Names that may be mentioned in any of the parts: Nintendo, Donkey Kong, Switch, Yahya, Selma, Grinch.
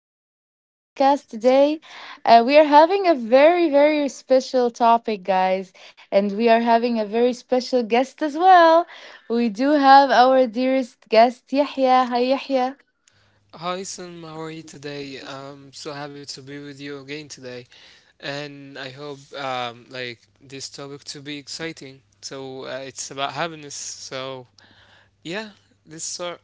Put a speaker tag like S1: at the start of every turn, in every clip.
S1: our new podcast today. We are having a very, very special topic, guys, and we are having a very special guest as well. We do have our dearest guest, Yahya. Hi, Yahya.
S2: Hi, Sam. How are you today? I'm so happy to be with you again today, and I hope like this topic to be exciting. So it's about happiness. So yeah, this sort.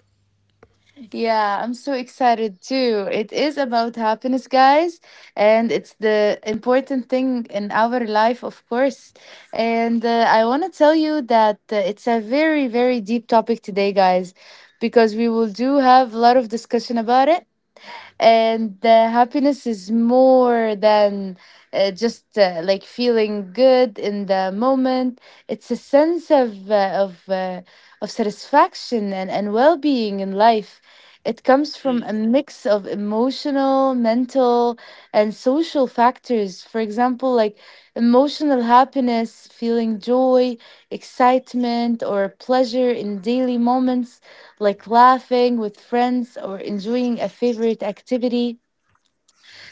S1: Yeah, I'm so excited too. It is about happiness, guys, and it's the important thing in our life, of course. And I want to tell you that it's a very, very deep topic today, guys, because we will do have a lot of discussion about it, and happiness is more than just like feeling good in the moment. It's a sense of of satisfaction and well-being in life. It comes from a
S2: Mm,
S1: mix of emotional, mental, and social factors. For example, like emotional happiness, feeling joy, excitement, or pleasure in daily moments, like laughing with friends or enjoying a favorite activity.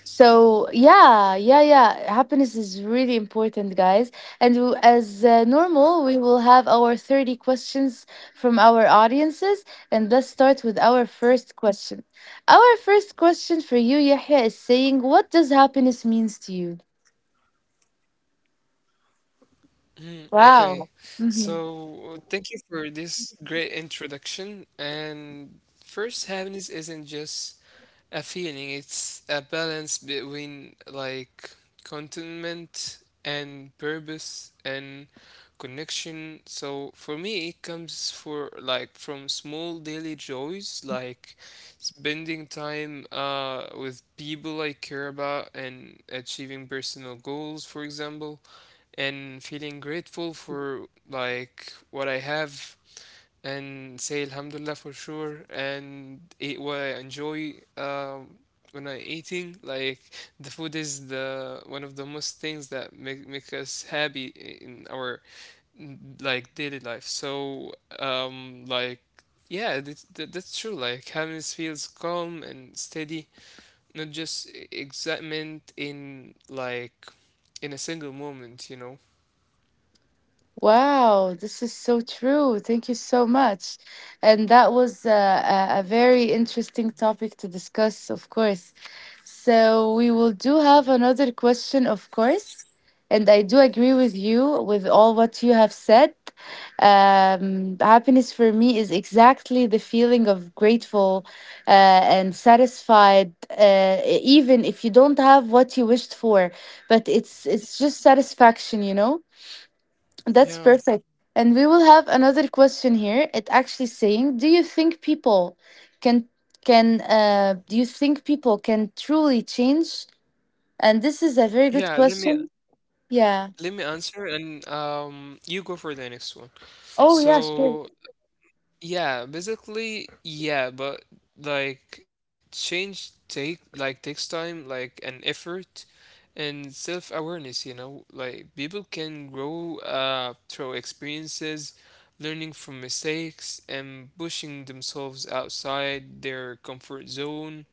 S1: So, yeah, yeah, yeah. Happiness is really important, guys. And as normal, we will have our 30 questions from our audiences. And let's start with our first question. Our first question for you, Yahya, is saying, what does happiness means to you?
S2: Okay,
S1: Wow.
S2: so thank you for this great introduction. And first, happiness isn't just a feeling. It's a balance between like contentment and purpose and connection. So for me, it comes for like from small daily joys, like spending time with people I care about and achieving personal goals, for example, and feeling grateful for like what I have and say Alhamdulillah for sure and eat what I enjoy when I eating. Like the food is the one of the most things that make us happy in our like daily life. So like yeah, that's true. Like happiness feels calm and steady, not just excitement in like in a single moment. You know.
S1: Wow, this is so true. Thank you so much. And that was a very interesting topic to discuss, of course. So, we will do have another question, of course. And I do agree with you with all what you have said. Happiness for me is exactly the feeling of grateful, uh, and satisfied, even if you don't have what you wished for. But it's just satisfaction, you know, that's
S2: Yeah.
S1: perfect. And we will have another question here. It actually saying, do you think people can can do you think people can truly change? And this is a
S2: Yeah.
S1: very good question.
S2: Let
S1: Yeah.
S2: me answer and you go for the next one.
S1: Oh yeah, sure.
S2: So yeah, basically yeah, but like change take like takes time, like an effort and self-awareness, you know? Like people can grow through experiences, learning from mistakes and pushing themselves outside their comfort zone.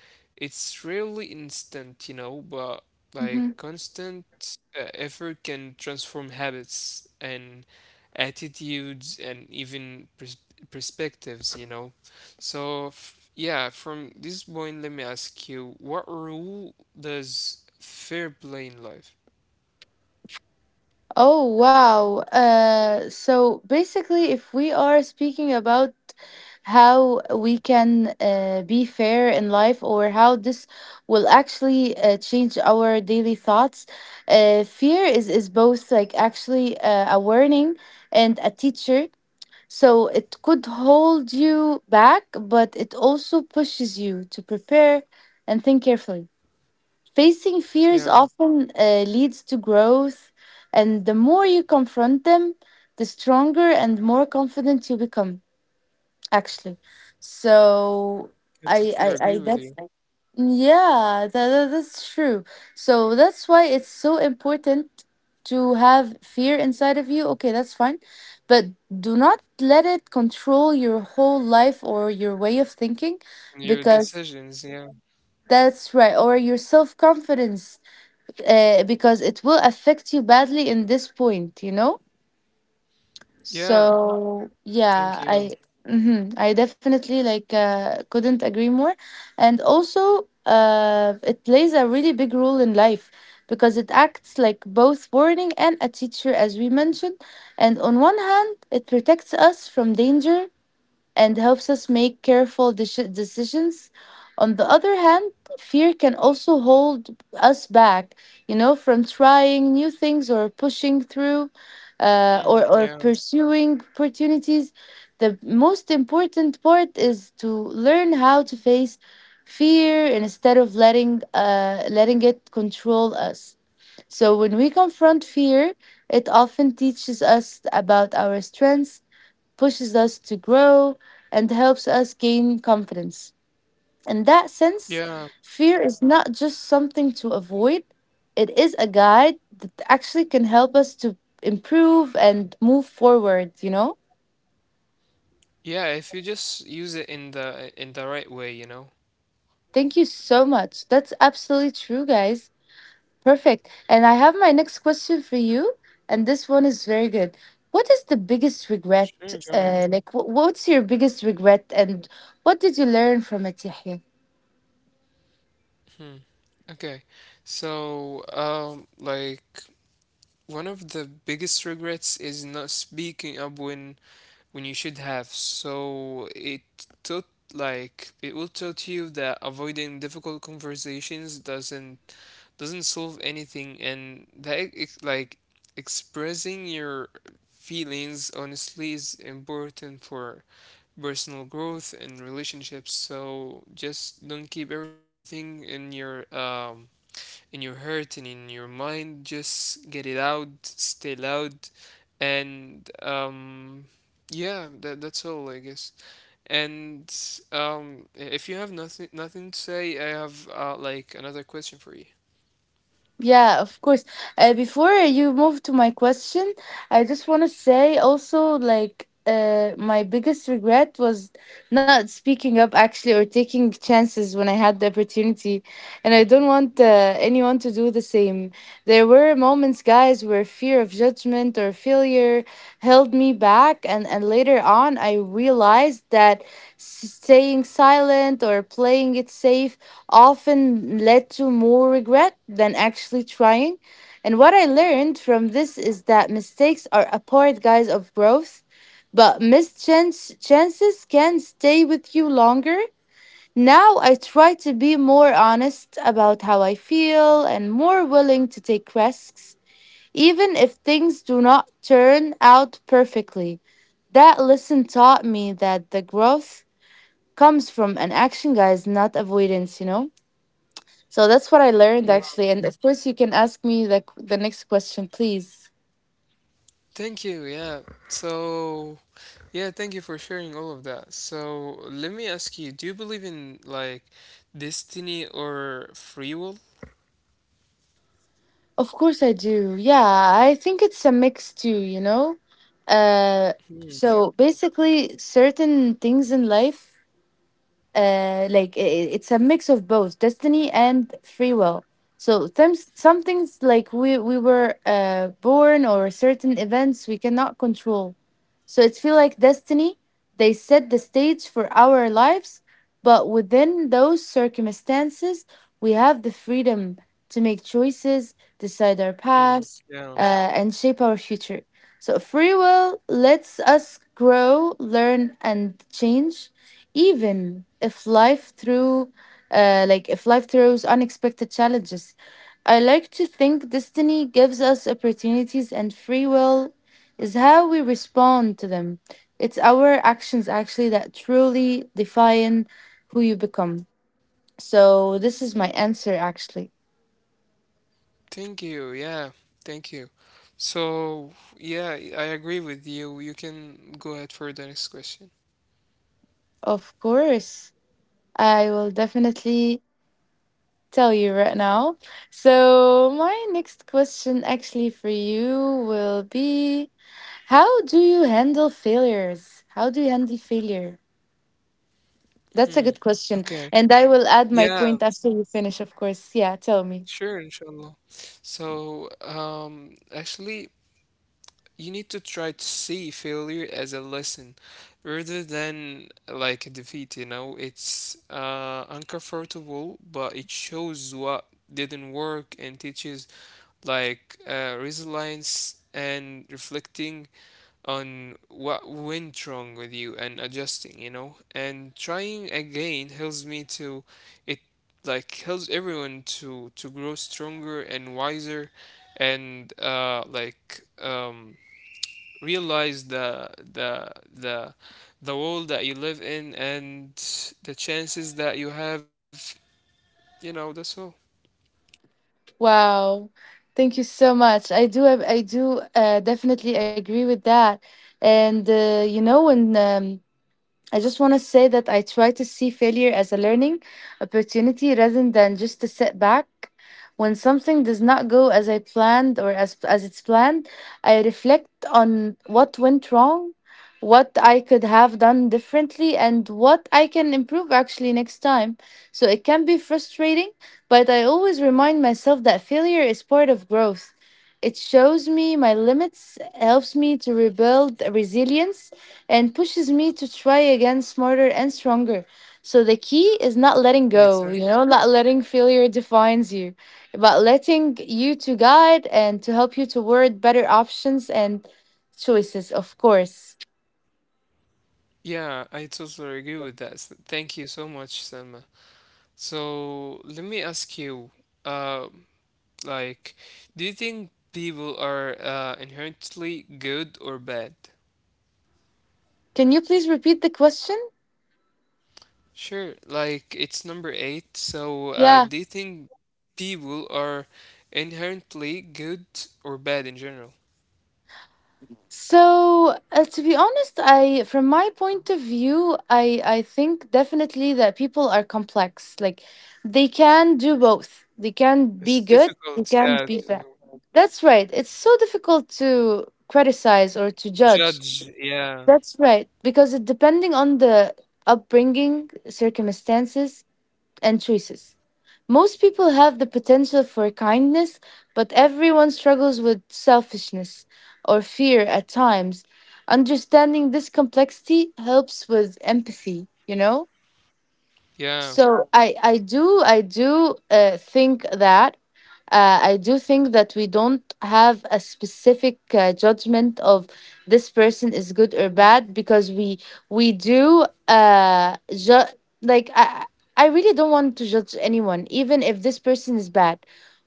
S2: It's rarely instant, you know, but like
S1: Mm-hmm.
S2: constant effort can transform habits and attitudes and even perspectives, you know. So, f yeah, from this point, let me ask you, what role does fair play in life?
S1: Oh, wow. So basically, if we are speaking about how we can be fair in life or how this will actually change our daily thoughts, fear is both like actually a warning and a teacher. So it could hold you back, but it also pushes you to prepare and think carefully. Facing fears
S2: Yeah,
S1: often leads to growth, and the more you confront them, the stronger and more confident you become, actually. So,
S2: I totally
S1: I
S2: agree with
S1: that's
S2: you
S1: yeah, that's true. So that's why it's so important to have fear inside of you. Okay, that's fine. But do not let it control your whole life or your way of thinking,
S2: and your
S1: because
S2: decisions. Yeah,
S1: that's right, or your self-confidence, because it will affect you badly in this point, you know.
S2: yeah,
S1: So yeah,
S2: thank
S1: i
S2: you.
S1: mhm, i definitely like couldn't agree more, and also it plays a really big role in life because it acts like both warning and a teacher as we mentioned. And on one hand, it protects us from danger and helps us make careful decisions. On the other hand, fear can also hold us back, you know, from trying new things or pushing through, uh, or,
S2: Mm,
S1: or
S2: yeah,
S1: pursuing opportunities. The most important part is to learn how to face fear instead of letting it control us. So when we confront fear, it often teaches us about our strengths, pushes us to grow, and helps us gain confidence. In that sense,
S2: yeah,
S1: fear is not just something to avoid, it is a guide that actually can help us to improve and move forward, you know?
S2: yeah. If you just use it in the right way, you know.
S1: Thank you so much. That's absolutely true, guys. Perfect. And I have my next question for you, and this one is very good. What is the biggest regret?
S2: Sure, go ahead.
S1: What's your biggest regret, and what did you learn from it, Yahya?
S2: Okay. So, like one of the biggest regrets is not speaking up when you should have. So it taught like it will taught you that avoiding difficult conversations doesn't solve anything, and that like expressing your feelings honestly is important for personal growth and relationships. So just don't keep everything in your heart and in your mind. Just get it out, stay loud, and yeah, that's all, I guess. And if you have nothing to say, I have like another question for you.
S1: Yeah, of course. Before you move to my question, I just want to say also like my biggest regret was not speaking up actually or taking chances when I had the opportunity, and I
S2: Mhm.
S1: don't want anyone to do the same. There were moments, guys, where fear of judgment or failure held me back, and later on I realized that staying silent or playing it safe often led to more regret than actually trying. And what I learned from this is that mistakes are a part, guys, of growth, but missed chances can stay with you longer. Now I try to be more honest about how I feel and more willing to take risks, even if things do not turn out perfectly. That lesson taught me that the growth comes from an action, guys, not avoidance, you know? So that's what I learned actually. And of course, you can ask me the next question, please.
S2: Thank you. Yeah. So, yeah, thank you for sharing all of that. So, let me ask you, do you believe in like destiny or free will?
S1: Of course, I do. Yeah, I think it's a mix too. You know, uh,
S2: Hmm, yeah.
S1: so basically, certain things in life, it's a mix of both destiny and free will. So some things, like we were uh, born or certain events we cannot control, so it feels like destiny. They set the stage for our lives, but within those circumstances, we have the freedom to make choices, decide our
S2: Mm,
S1: paths,
S2: yeah.
S1: and shape our future. So free will lets us grow, learn, and change, even if life through, like if life throws unexpected challenges. I like to think destiny gives us opportunities and free will is how we respond to them. It's our actions actually that truly define who you become. So, this is my answer actually.
S2: Thank you. Yeah, thank you. So, yeah, I agree with you. You can go ahead for the next question.
S1: Of course, I will definitely tell you right now. So, my next question actually for you will be, how do you handle failures? How do you handle failure? That's a
S2: Hmm.
S1: good question.
S2: Okay.
S1: And I will add my
S2: Yeah,
S1: point after you finish, of course. Yeah, tell me.
S2: sure, inshallah. So, actually, you need to try to see failure as a lesson rather than like a defeat, you know? It's uncomfortable, but it shows what didn't work and teaches like resilience and reflecting on what went wrong with you and adjusting, you know, and trying again helps me to it like helps everyone to grow stronger and wiser and realize the world that you live in and the chances that you have, you know, that's all.
S1: Wow. Thank you so much. I do definitely agree with that. And you know, when I just want to say that I try to see failure as a learning opportunity rather than just a setback. When something does not go as I planned or as it's planned, I reflect on what went wrong, what I could have done differently, and what I can improve actually next time. So it can be frustrating, but I always remind myself that failure is part of growth. It shows me my limits, helps me to rebuild resilience, and pushes me to try again smarter and stronger. So the key is not letting
S2: Exactly.
S1: go, you know, not letting failure defines you, but letting you to guide and to help you toward better options and choices, of course.
S2: Yeah, I totally agree with that. Thank you so much, Selma. So let me ask you, um Like, do you think people are inherently good or bad?
S1: Can you please repeat the question?
S2: Sure, like it's number eight. So,
S1: Yeah.
S2: do you think people are inherently good or bad in general?
S1: So, to be honest, I, from my point of view, I think definitely that people are complex. Like they can do both. They can be
S2: It's
S1: good
S2: difficult,
S1: and can
S2: yeah,
S1: be bad.
S2: to
S1: That's right. It's so difficult to criticize or to judge.
S2: judge. Yeah,
S1: That's right, because it depending on the upbringing, circumstances, and choices. Most people have the potential for kindness, but everyone struggles with selfishness or fear at times. Understanding this complexity helps with empathy, you know?
S2: yeah,
S1: So I do think that I do think that we don't have a specific judgment of this person is good or bad, because we do ju- like I really don't want to judge anyone even if this person is bad.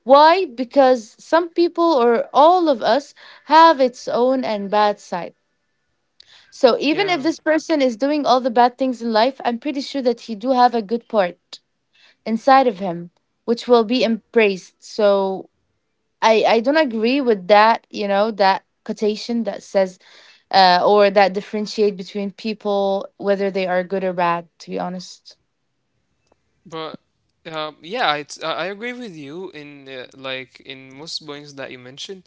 S1: Why? Because some people or all of us have its own and bad side. So even if
S2: yeah.
S1: this person is doing all the bad things in life, I'm pretty sure that he do have a good part inside of him which will be embraced. So I don't agree with that, you know, that quotation that says or that differentiate between people whether they are good or bad, to be honest.
S2: But yeah, I agree with you in like in most points that you mentioned.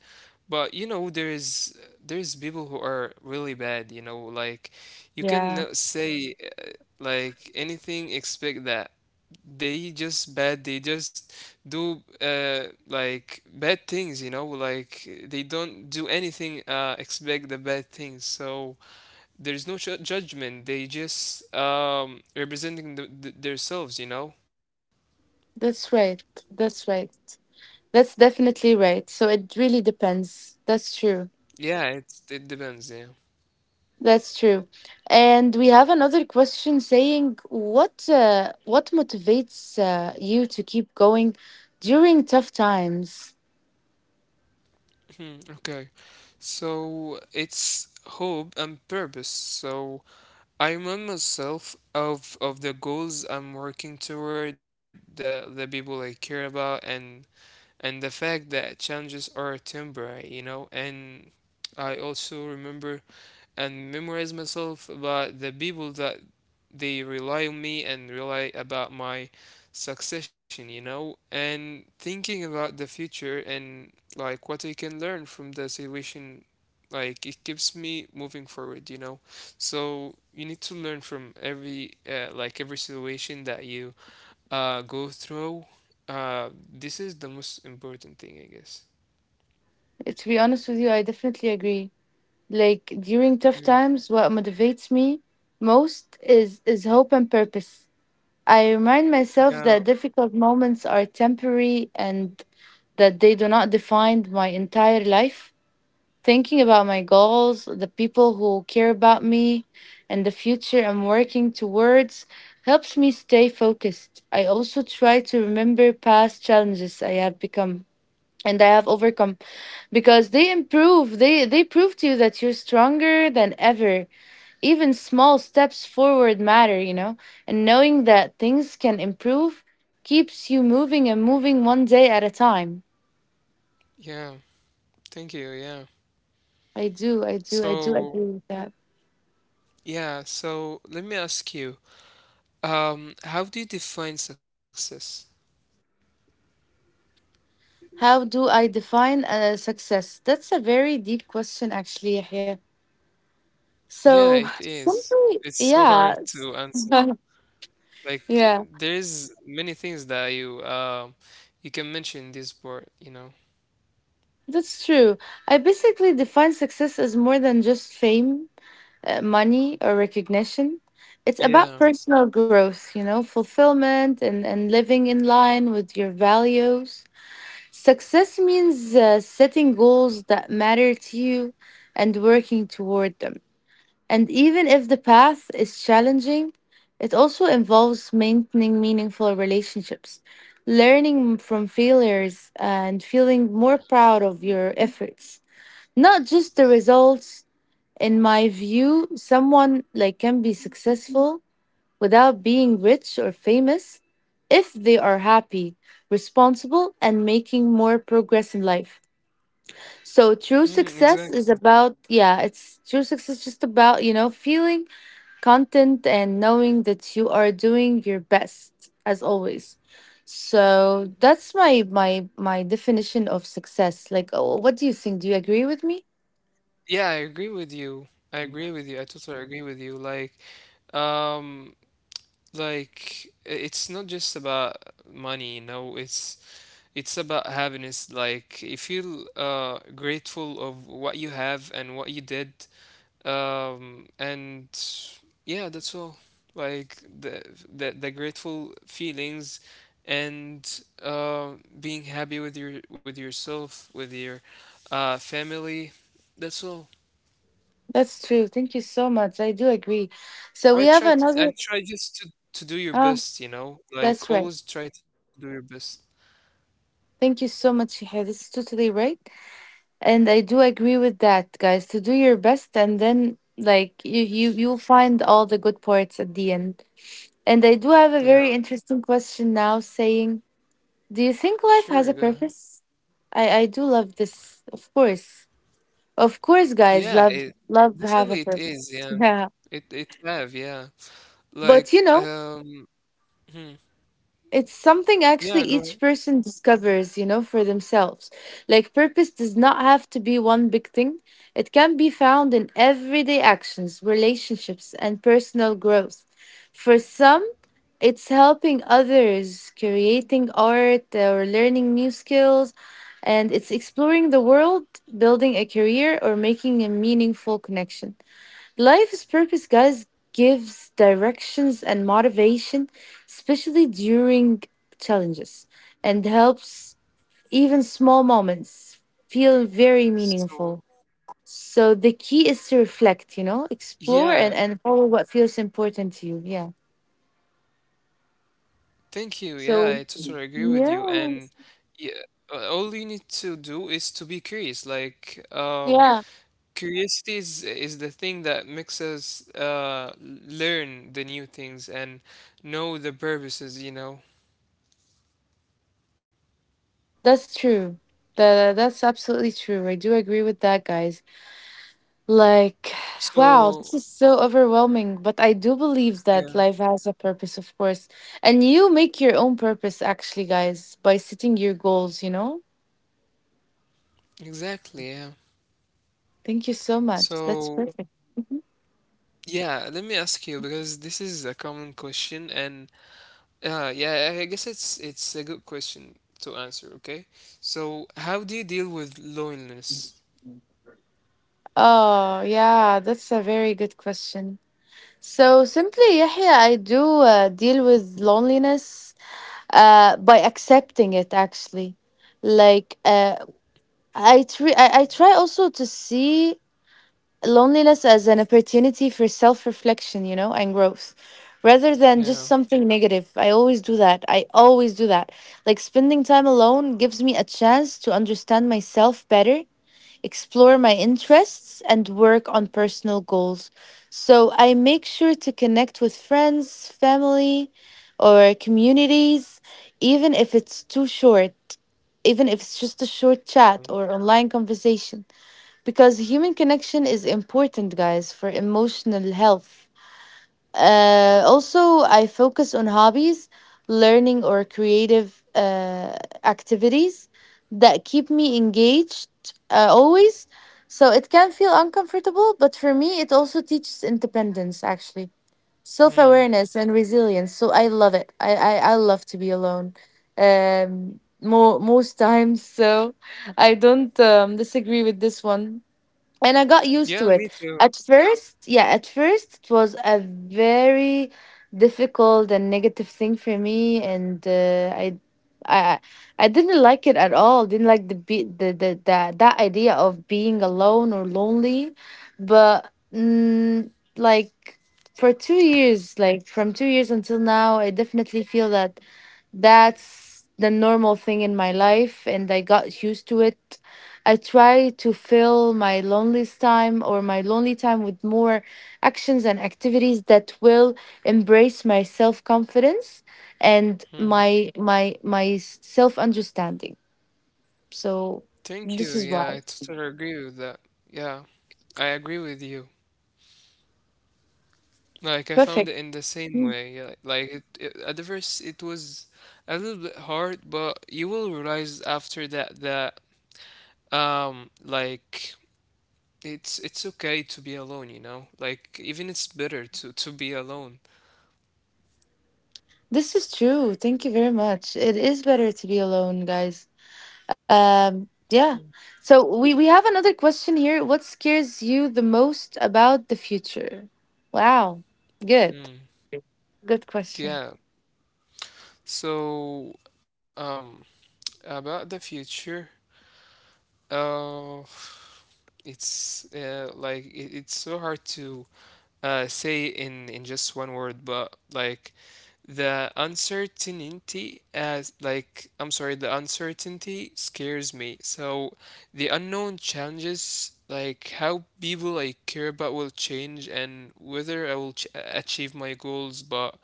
S2: But you know, there's people who are really bad. You know, like you can
S1: Yeah,
S2: say like anything except that they just bad. They just do like bad things. You know, like they don't do anything except the bad things. So there's no judgment. They just representing themselves. You know.
S1: that's right. That's right. That's definitely right. So it really depends. That's true.
S2: Yeah, it depends, yeah.
S1: That's true. And we have another question saying, what motivates you to keep going during tough times?
S2: Hmm, okay. So it's hope and purpose. So I remind myself of the goals I'm working toward, the people I care about and the fact that challenges are temporary, you know, and I also remember and memorize myself about the people that they rely on me and rely about my succession, you know, and thinking about the future and like what I can learn from the situation, like it keeps me moving forward, you know. So you need to learn from every like every situation that you go through. This is the most important thing, I guess.
S1: To be honest with you, I definitely agree. Like during tough
S2: Mhm.
S1: times, what motivates me most is hope and purpose. I remind myself
S2: Yeah,
S1: that difficult moments are temporary and that they do not define my entire life. Thinking about my goals, the people who care about me, and the future I'm working towards helps me stay focused. I also try to remember past challenges I have become and I have overcome, because they improve they prove to you that you're stronger than ever. Even small steps forward matter, you know, and knowing that things can improve keeps you moving and moving one day at a time.
S2: yeah. Thank you. Yeah.
S1: I do agree
S2: So
S1: with that.
S2: yeah, so let me ask you, how do you define success?
S1: How do I define success? That's a very deep question actually, Yahya.
S2: Yeah,
S1: So
S2: it is.
S1: simply
S2: It's so hard
S1: yeah
S2: to
S1: it's-
S2: answer. Like
S1: yeah,
S2: there's many things that you you can mention in this part, you know.
S1: that's true. I basically define success as more than just fame, money, or recognition. It's
S2: Yeah.
S1: about personal growth, you know, fulfillment and living in line with your values. Success means setting goals that matter to you and working toward them. And even if the path is challenging, it also involves maintaining meaningful relationships, learning from failures, and feeling more proud of your efforts. Not just the results, in my view, someone like can be successful without being rich or famous if they are happy, responsible and making more progress in life. So true
S2: Mm, exactly.
S1: success is about yeah, it's true success is just about, feeling content and knowing that you are doing your best as always. So that's my definition of success. Like oh, what do you think? Do you agree with me?
S2: Yeah, I agree with you. I agree with you. I totally agree with you. Um, like it's not just about money, you know, it's about happiness. Like you feel grateful of what you have and what you did. And yeah, that's all. Like the grateful feelings and uh, being happy with your with yourself, with your family. That's all.
S1: That's true. Thank you so much. I do agree. So we
S2: I
S1: have
S2: try t
S1: another.
S2: and try just to do your
S1: Oh,
S2: best. You know, like
S1: that's right.
S2: always try to do your best.
S1: Thank you so much, Shahia. This is totally right, and I do agree with that, guys. To do your best, and then like you'll find all the good parts at the end. And I do have a
S2: Yeah,
S1: very interesting question now, saying, do you think
S2: sure. Go
S1: life
S2: ahead.
S1: has a purpose? I do love this, of course,
S2: Yeah,
S1: guys. Love,
S2: it
S1: love
S2: definitely
S1: have a
S2: it is.
S1: purpose.
S2: Yeah,
S1: Yeah,
S2: it have. Yeah,
S1: but
S2: like
S1: you know,
S2: hmm,
S1: it's something
S2: yeah.
S1: actually
S2: Go ahead.
S1: each person discovers, you know, for themselves. Like, purpose does not have to be one big thing, it can be found in everyday actions, relationships, and personal growth. For some, it's helping others, creating art, or learning new skills, and it's exploring the world, building a career, or making a meaningful connection. Life's purpose guys gives directions and motivation, especially during challenges, and helps even small moments feel very
S2: So
S1: meaningful. So the key is to reflect, you know,
S2: yeah,
S1: explore and follow what feels important to you. Yeah.
S2: thank you. Yeah, I
S1: So
S2: totally agree with you.
S1: yeah.
S2: And yeah, all you need to do is to be curious. Like
S1: Yeah.
S2: curiosity is the thing that makes us learn the new things and know the purposes. You know.
S1: That's true. That, that's absolutely true. I do agree with that, guys. Like, wow,
S2: So
S1: this is so overwhelming. But I do believe
S2: yeah,
S1: that life has a purpose, of course. And you make your own purpose, actually, guys, by setting your goals, you know?
S2: exactly. Yeah.
S1: Thank you so much. That's
S2: So.
S1: perfect.
S2: Yeah, let me ask you because this is a common question, and yeah, I guess it's a good question to answer. Okay, so how do you deal with loneliness?
S1: Oh, yeah, that's a very good question. So simply, Yahya, I do deal with loneliness by accepting it, actually. Like, I try also to see loneliness as an opportunity for self reflection, you know, and growth rather than
S2: Yeah.
S1: just something negative. I always do that. I always do that. Like spending time alone gives me a chance to understand myself better, explore my interests, and work on personal goals. So I make sure to connect with friends, family, or communities, even if it's too short, even if it's just a short chat or online conversation because human connection is important guys for emotional health. Also, I focus on hobbies, learning or creative activities that keep me engaged, always. So it can feel uncomfortable, but for me it also teaches independence, actually,
S2: Hmm.
S1: self-awareness and resilience. So I love it. I love to be alone mo most times. So I don't disagree with this one and I got used to
S2: Yeah,
S1: it.
S2: me too.
S1: At first, yeah, at first it was a very difficult and negative thing for me, and I, I didn't like it at all. Didn't like the be the that idea of being alone or lonely, but like for 2 years, like from 2 years until now, I definitely feel that that's the normal thing in my life, and I got used to it. I try to fill my loneliest time or my lonely time with more actions and activities that will embrace my self confidence and
S2: Hmm.
S1: my self understanding. So
S2: Thank
S1: this
S2: you.
S1: is why.
S2: Yeah, I totally agree with that. Yeah, I agree with you. Like I found
S1: Perfect.
S2: it in the same
S1: Mm.
S2: way. Yeah, like it at the first it was a little bit hard, but you will realize after that that like it's okay to be alone, you know? Like even it's better to be alone.
S1: This is true. Thank you very much. It is better to be alone, guys. Yeah. So we have another question here. What scares you the most about the future? Wow. Good.
S2: Mm.
S1: Good question.
S2: Yeah. So, um, about the future, uh, it's like it's so hard to say in just one word, but like the uncertainty as like I'm sorry, the uncertainty scares me. So the unknown challenges like how people I care about will change and whether I will achieve my goals. But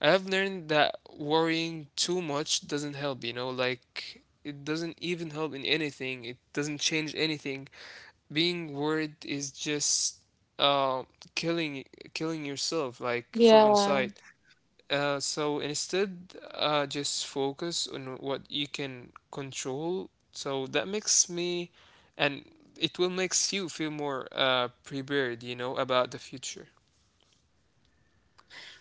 S2: I have learned that worrying too much doesn't help. You know, like it doesn't even help in anything. It doesn't change anything being worried is just uh, killing killing yourself like from
S1: Yeah,
S2: inside. So instead, just focus on what you can control. So that makes me, and it will makes you feel more prepared, you know, about the future.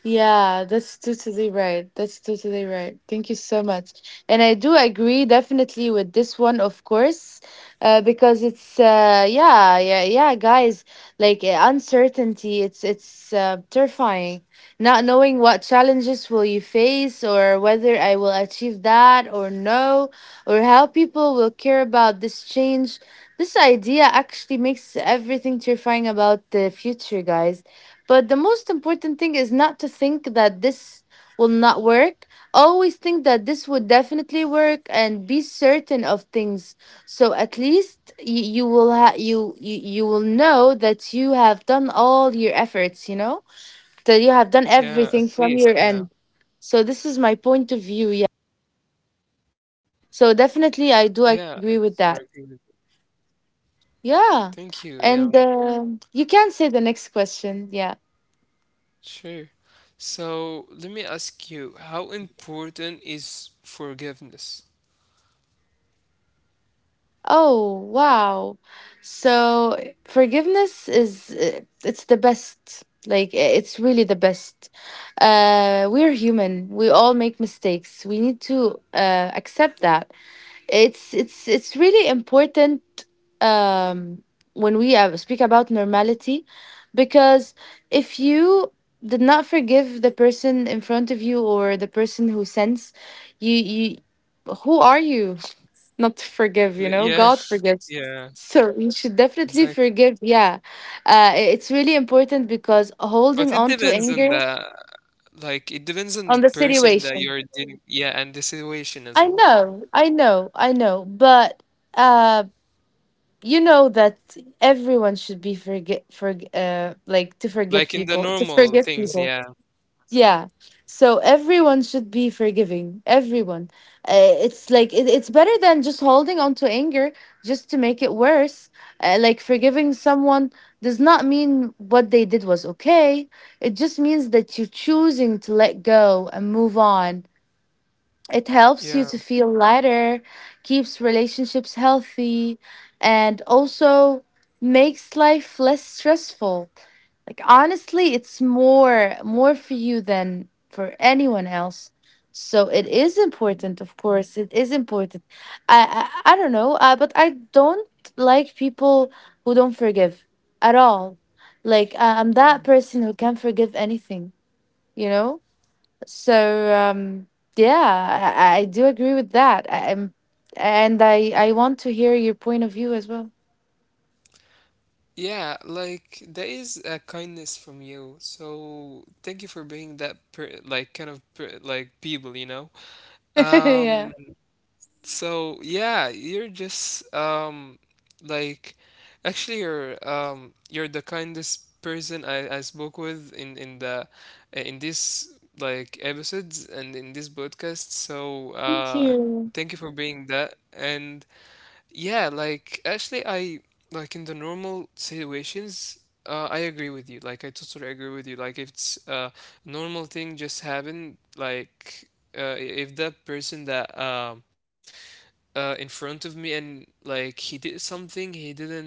S1: yeah, that's totally right. That's totally right. Thank you so much. And I do agree definitely with this one, of course, because it's yeah, yeah, yeah, guys, like uncertainty, it's terrifying. Not knowing what challenges will you face, or whether I will achieve that or no, or how people will care about this change. This idea actually makes everything terrifying about the future, guys. But the most important thing is not to think that this will not work. Always think that this would definitely work and be certain of things. So at least you will ha- you you will know that you have done all your efforts, you know? That you have done
S2: Yeah, at
S1: everything from
S2: least,
S1: your
S2: yeah,
S1: end. So this is my point of view, yeah. So definitely I
S2: yeah.
S1: do agree
S2: It's I
S1: with
S2: agree
S1: that.
S2: with you.
S1: Yeah.
S2: Thank you. Yeah,
S1: And you can say the next question. Yeah.
S2: sure. So let me ask you, how important is forgiveness?
S1: Oh, wow. So forgiveness is it's the best. Like I- it's really the best. Uh, we're human. We all make mistakes. We need to accept that. It's really important um when we speak about normality, because if you did not forgive the person in front of you or the person who sends you, you, who are you not forgive? You know,
S2: Yeah,
S1: God forgives,
S2: yeah.
S1: so you should definitely
S2: Exactly.
S1: forgive. Yeah, it's really important because holding
S2: But
S1: on
S2: it
S1: to
S2: depends
S1: anger
S2: on the like it depends
S1: on
S2: on
S1: the
S2: the person that
S1: situation.
S2: you're dealing yeah, and the situation
S1: i
S2: as well.
S1: know i know i know but uh, you know that everyone should be forget for like to forget
S2: Like in the
S1: people, to forgive
S2: normal things,
S1: people.
S2: yeah.
S1: Yeah. So everyone should be forgiving. Everyone. It's like it, it's better than just holding on to anger just to make it worse. Like forgiving someone does not mean what they did was okay. It just means that you're choosing to let go and move on. It helps you to
S2: Yeah.
S1: feel lighter, keeps relationships healthy, and also makes life less stressful. Like honestly, it's more for you than for anyone else. So it is important, of course. It is important. I don't know, but I don't like people who don't forgive at all. Like I- I'm that person who can't forgive anything, you know. So yeah, I do agree with that. And I want to hear your point of view as well.
S2: Yeah, like that is a kindness from you. So thank you for being that per like kind of per like people, you know.
S1: Yeah.
S2: Um, so yeah, you're just like actually you're the kindest person I spoke with in the in this like episodes and in this podcast. So
S1: Thank
S2: thank you
S1: you.
S2: for being that. And yeah, like actually I like in the normal situations I agree with you. Like I totally agree with you. Like if it's a normal thing just happened, like if that person that in front of me and like he did something he didn't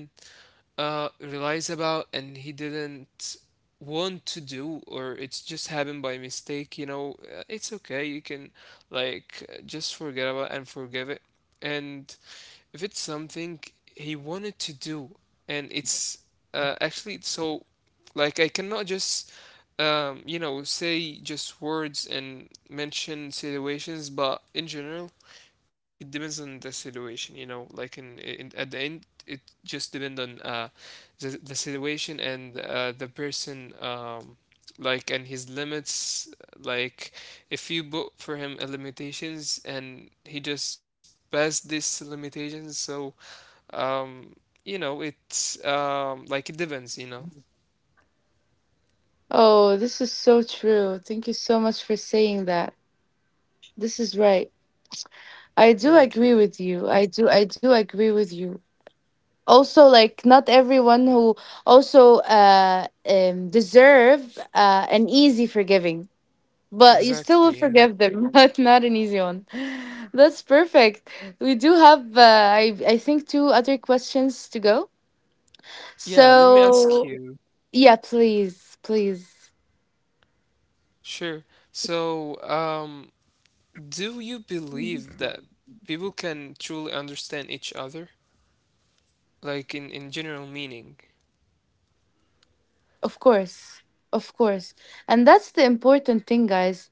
S2: realize about and he didn't want to do or it's just happened by mistake you know it's okay you can like just forget about and forgive it and if it's something he wanted to do and it's actually so like I cannot just you know say just words and mention situations but in general it depends on the situation you know like in at the end it just depends on the situation and the person like and his limits like if you put for him a limitations and he just passed these limitations so um you know it's like it depends you know.
S1: Oh, this is so true. Thank you so much for saying that. This is right. I do agree
S2: Thank you.
S1: with you. I do agree with you. Also, like not everyone who also deserve an easy forgiving, but you still will
S2: Exactly.
S1: forgive
S2: And
S1: them, but not an easy one. That's perfect. We do have I think two other questions to go.
S2: yeah, let me ask
S1: So
S2: you.
S1: yeah, please, please.
S2: Sure. So do you believe that people can truly understand each other? Like in general meaning?
S1: Of course, of course. And that's the important thing, guys.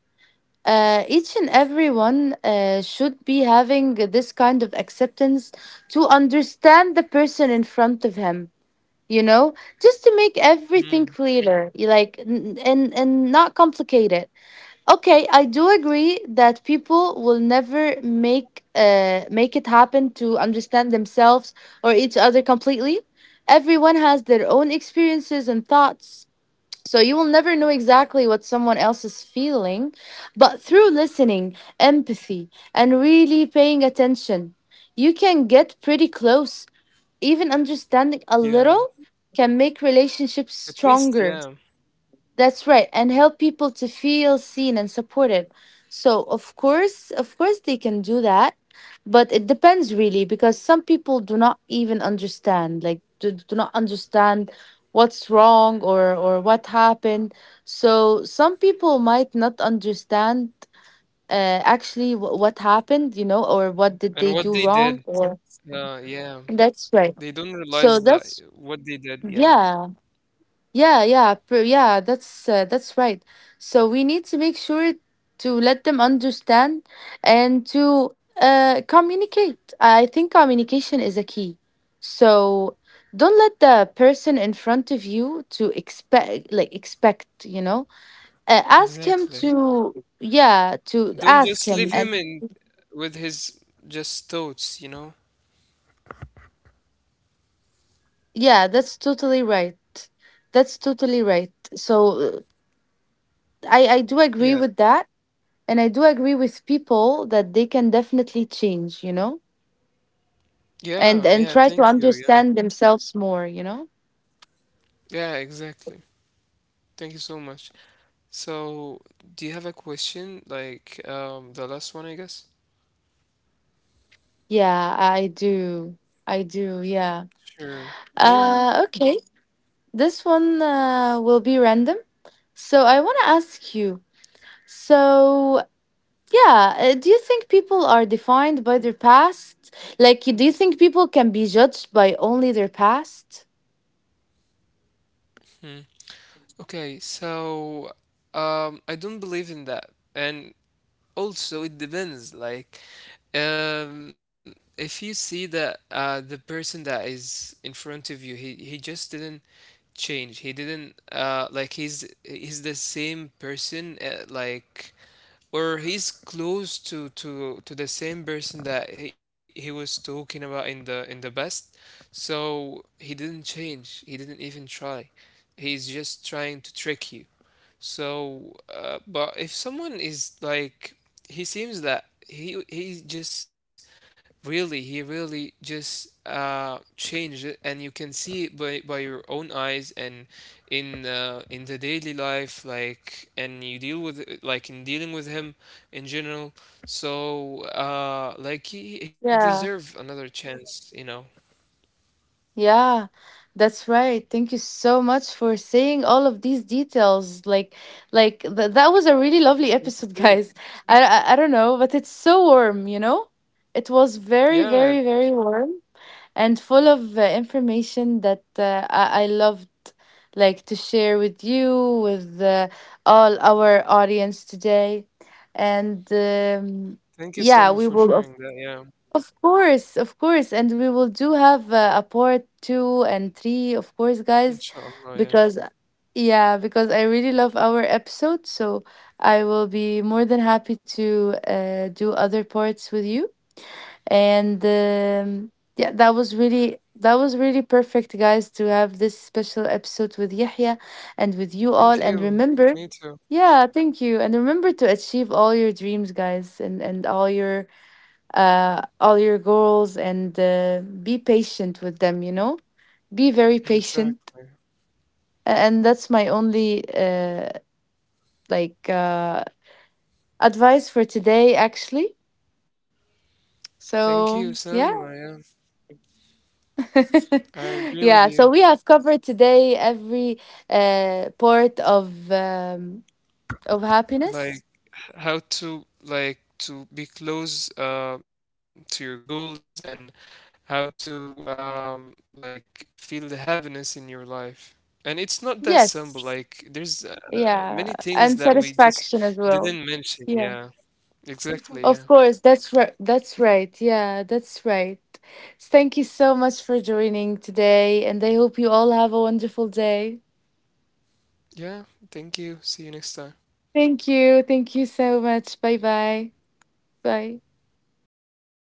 S1: Each and everyone should be having this kind of acceptance to understand the person in front of him. You know, just to make everything
S2: Mm,
S1: clearer, you like, n- and not complicate it. Okay, I do agree that people will never make make it happen to understand themselves or each other completely. Everyone has their own experiences and thoughts, so you will never know exactly what someone else is feeling, but through listening, empathy, and really paying attention, you can get pretty close. Even understanding a
S2: yeah,
S1: little can make relationships
S2: at least,
S1: stronger.
S2: yeah.
S1: That's right, and help people to feel seen and supported. So, of course, they can do that, but it depends really because some people do not even understand, like do not understand what's wrong or what happened. So some people might not understand actually w- what happened, you know, or what did
S2: And
S1: they
S2: what
S1: do
S2: they
S1: wrong.
S2: did,
S1: Or
S2: yeah.
S1: that's right.
S2: They don't realize
S1: So
S2: that
S1: that's
S2: what they did, yeah.
S1: yeah, yeah, yeah, pr- yeah, that's right. So we need to make sure to let them understand and to communicate. I think communication is a key. So don't let the person in front of you to expect like expect, you know. Ask him
S2: Exactly.
S1: to yeah, to
S2: Don't
S1: ask
S2: just
S1: him
S2: leave him
S1: and
S2: in with his just thoughts, you know?
S1: yeah, that's totally right. That's totally right. So I do agree
S2: Yeah.
S1: with that, and I do agree with people that they can definitely change, you know,
S2: Yeah,
S1: and
S2: yeah,
S1: try to
S2: thank you. Yeah.
S1: understand themselves more, you know.
S2: Yeah, exactly. Thank you so much. So, do you have a question? Like, the last one, I guess?
S1: Yeah, I do yeah.
S2: Sure. Go ahead.
S1: Uh, okay, this one will be random, so I want to ask you, so yeah, do you think people are defined by their past? Like, do you think people can be judged by only their past?
S2: Okay, so I don't believe in that. And also, it depends. Like, if you see that the person that is in front of you, he just didn't change. He didn't like he's the same person. Like, or he's close to the same person that he was talking about in the past. So he didn't change. He didn't even try. He's just trying to trick you so, but if someone is like, he seems that he just really he really just changed it, and you can see it by your own eyes and in the daily life, like, and you deal with it, like in dealing with him in general. So, like he
S1: Yeah.
S2: deserve another chance, you know.
S1: Yeah, that's right. Thank you so much for saying all of these details. Like th- that was a really lovely
S2: Thank you
S1: episode,
S2: too.
S1: guys. I don't know, but it's so warm. You know, it was very,
S2: Yeah,
S1: very, very warm and full of information that uh, I loved like to share with you with all our audience today. And
S2: thank you so
S1: yeah,
S2: much
S1: we
S2: for
S1: will
S2: sharing that. Yeah,
S1: of course, and we will do have a part two and three, of course, guys,
S2: inshallah.
S1: because
S2: Yeah,
S1: yeah, because I really love our episode, so I will be more than happy to do other parts with you. And yeah, that was really perfect, guys, to have this special episode with Yahya and with you all. And
S2: thank you.
S1: remember,
S2: Me too.
S1: yeah, thank you, and remember to achieve all your dreams, guys, and all your goals and be patient with them, you know, be very patient.
S2: Exactly.
S1: A- and that's my only like advice for today, actually,
S2: Thank you,
S1: so
S2: Selma.
S1: yeah.
S2: Yeah, I agree with
S1: Yeah,
S2: you.
S1: so we have covered today every part of
S2: Like
S1: happiness.
S2: how to like to be close to your goals and how to like feel the happiness in your life. And it's not that simple. Like there's
S1: Yes.
S2: many things that
S1: Yeah,
S2: we just
S1: and
S2: didn't
S1: satisfaction as
S2: mention.
S1: well.
S2: Yeah,
S1: Yeah.
S2: exactly. Yeah,
S1: Of course, that's right. That's right. Yeah, that's right. Thank you so much for joining today, and I hope you all have a wonderful day.
S2: yeah. Thank you. See you next time.
S1: Thank you. Thank you so much. Bye bye. Bye.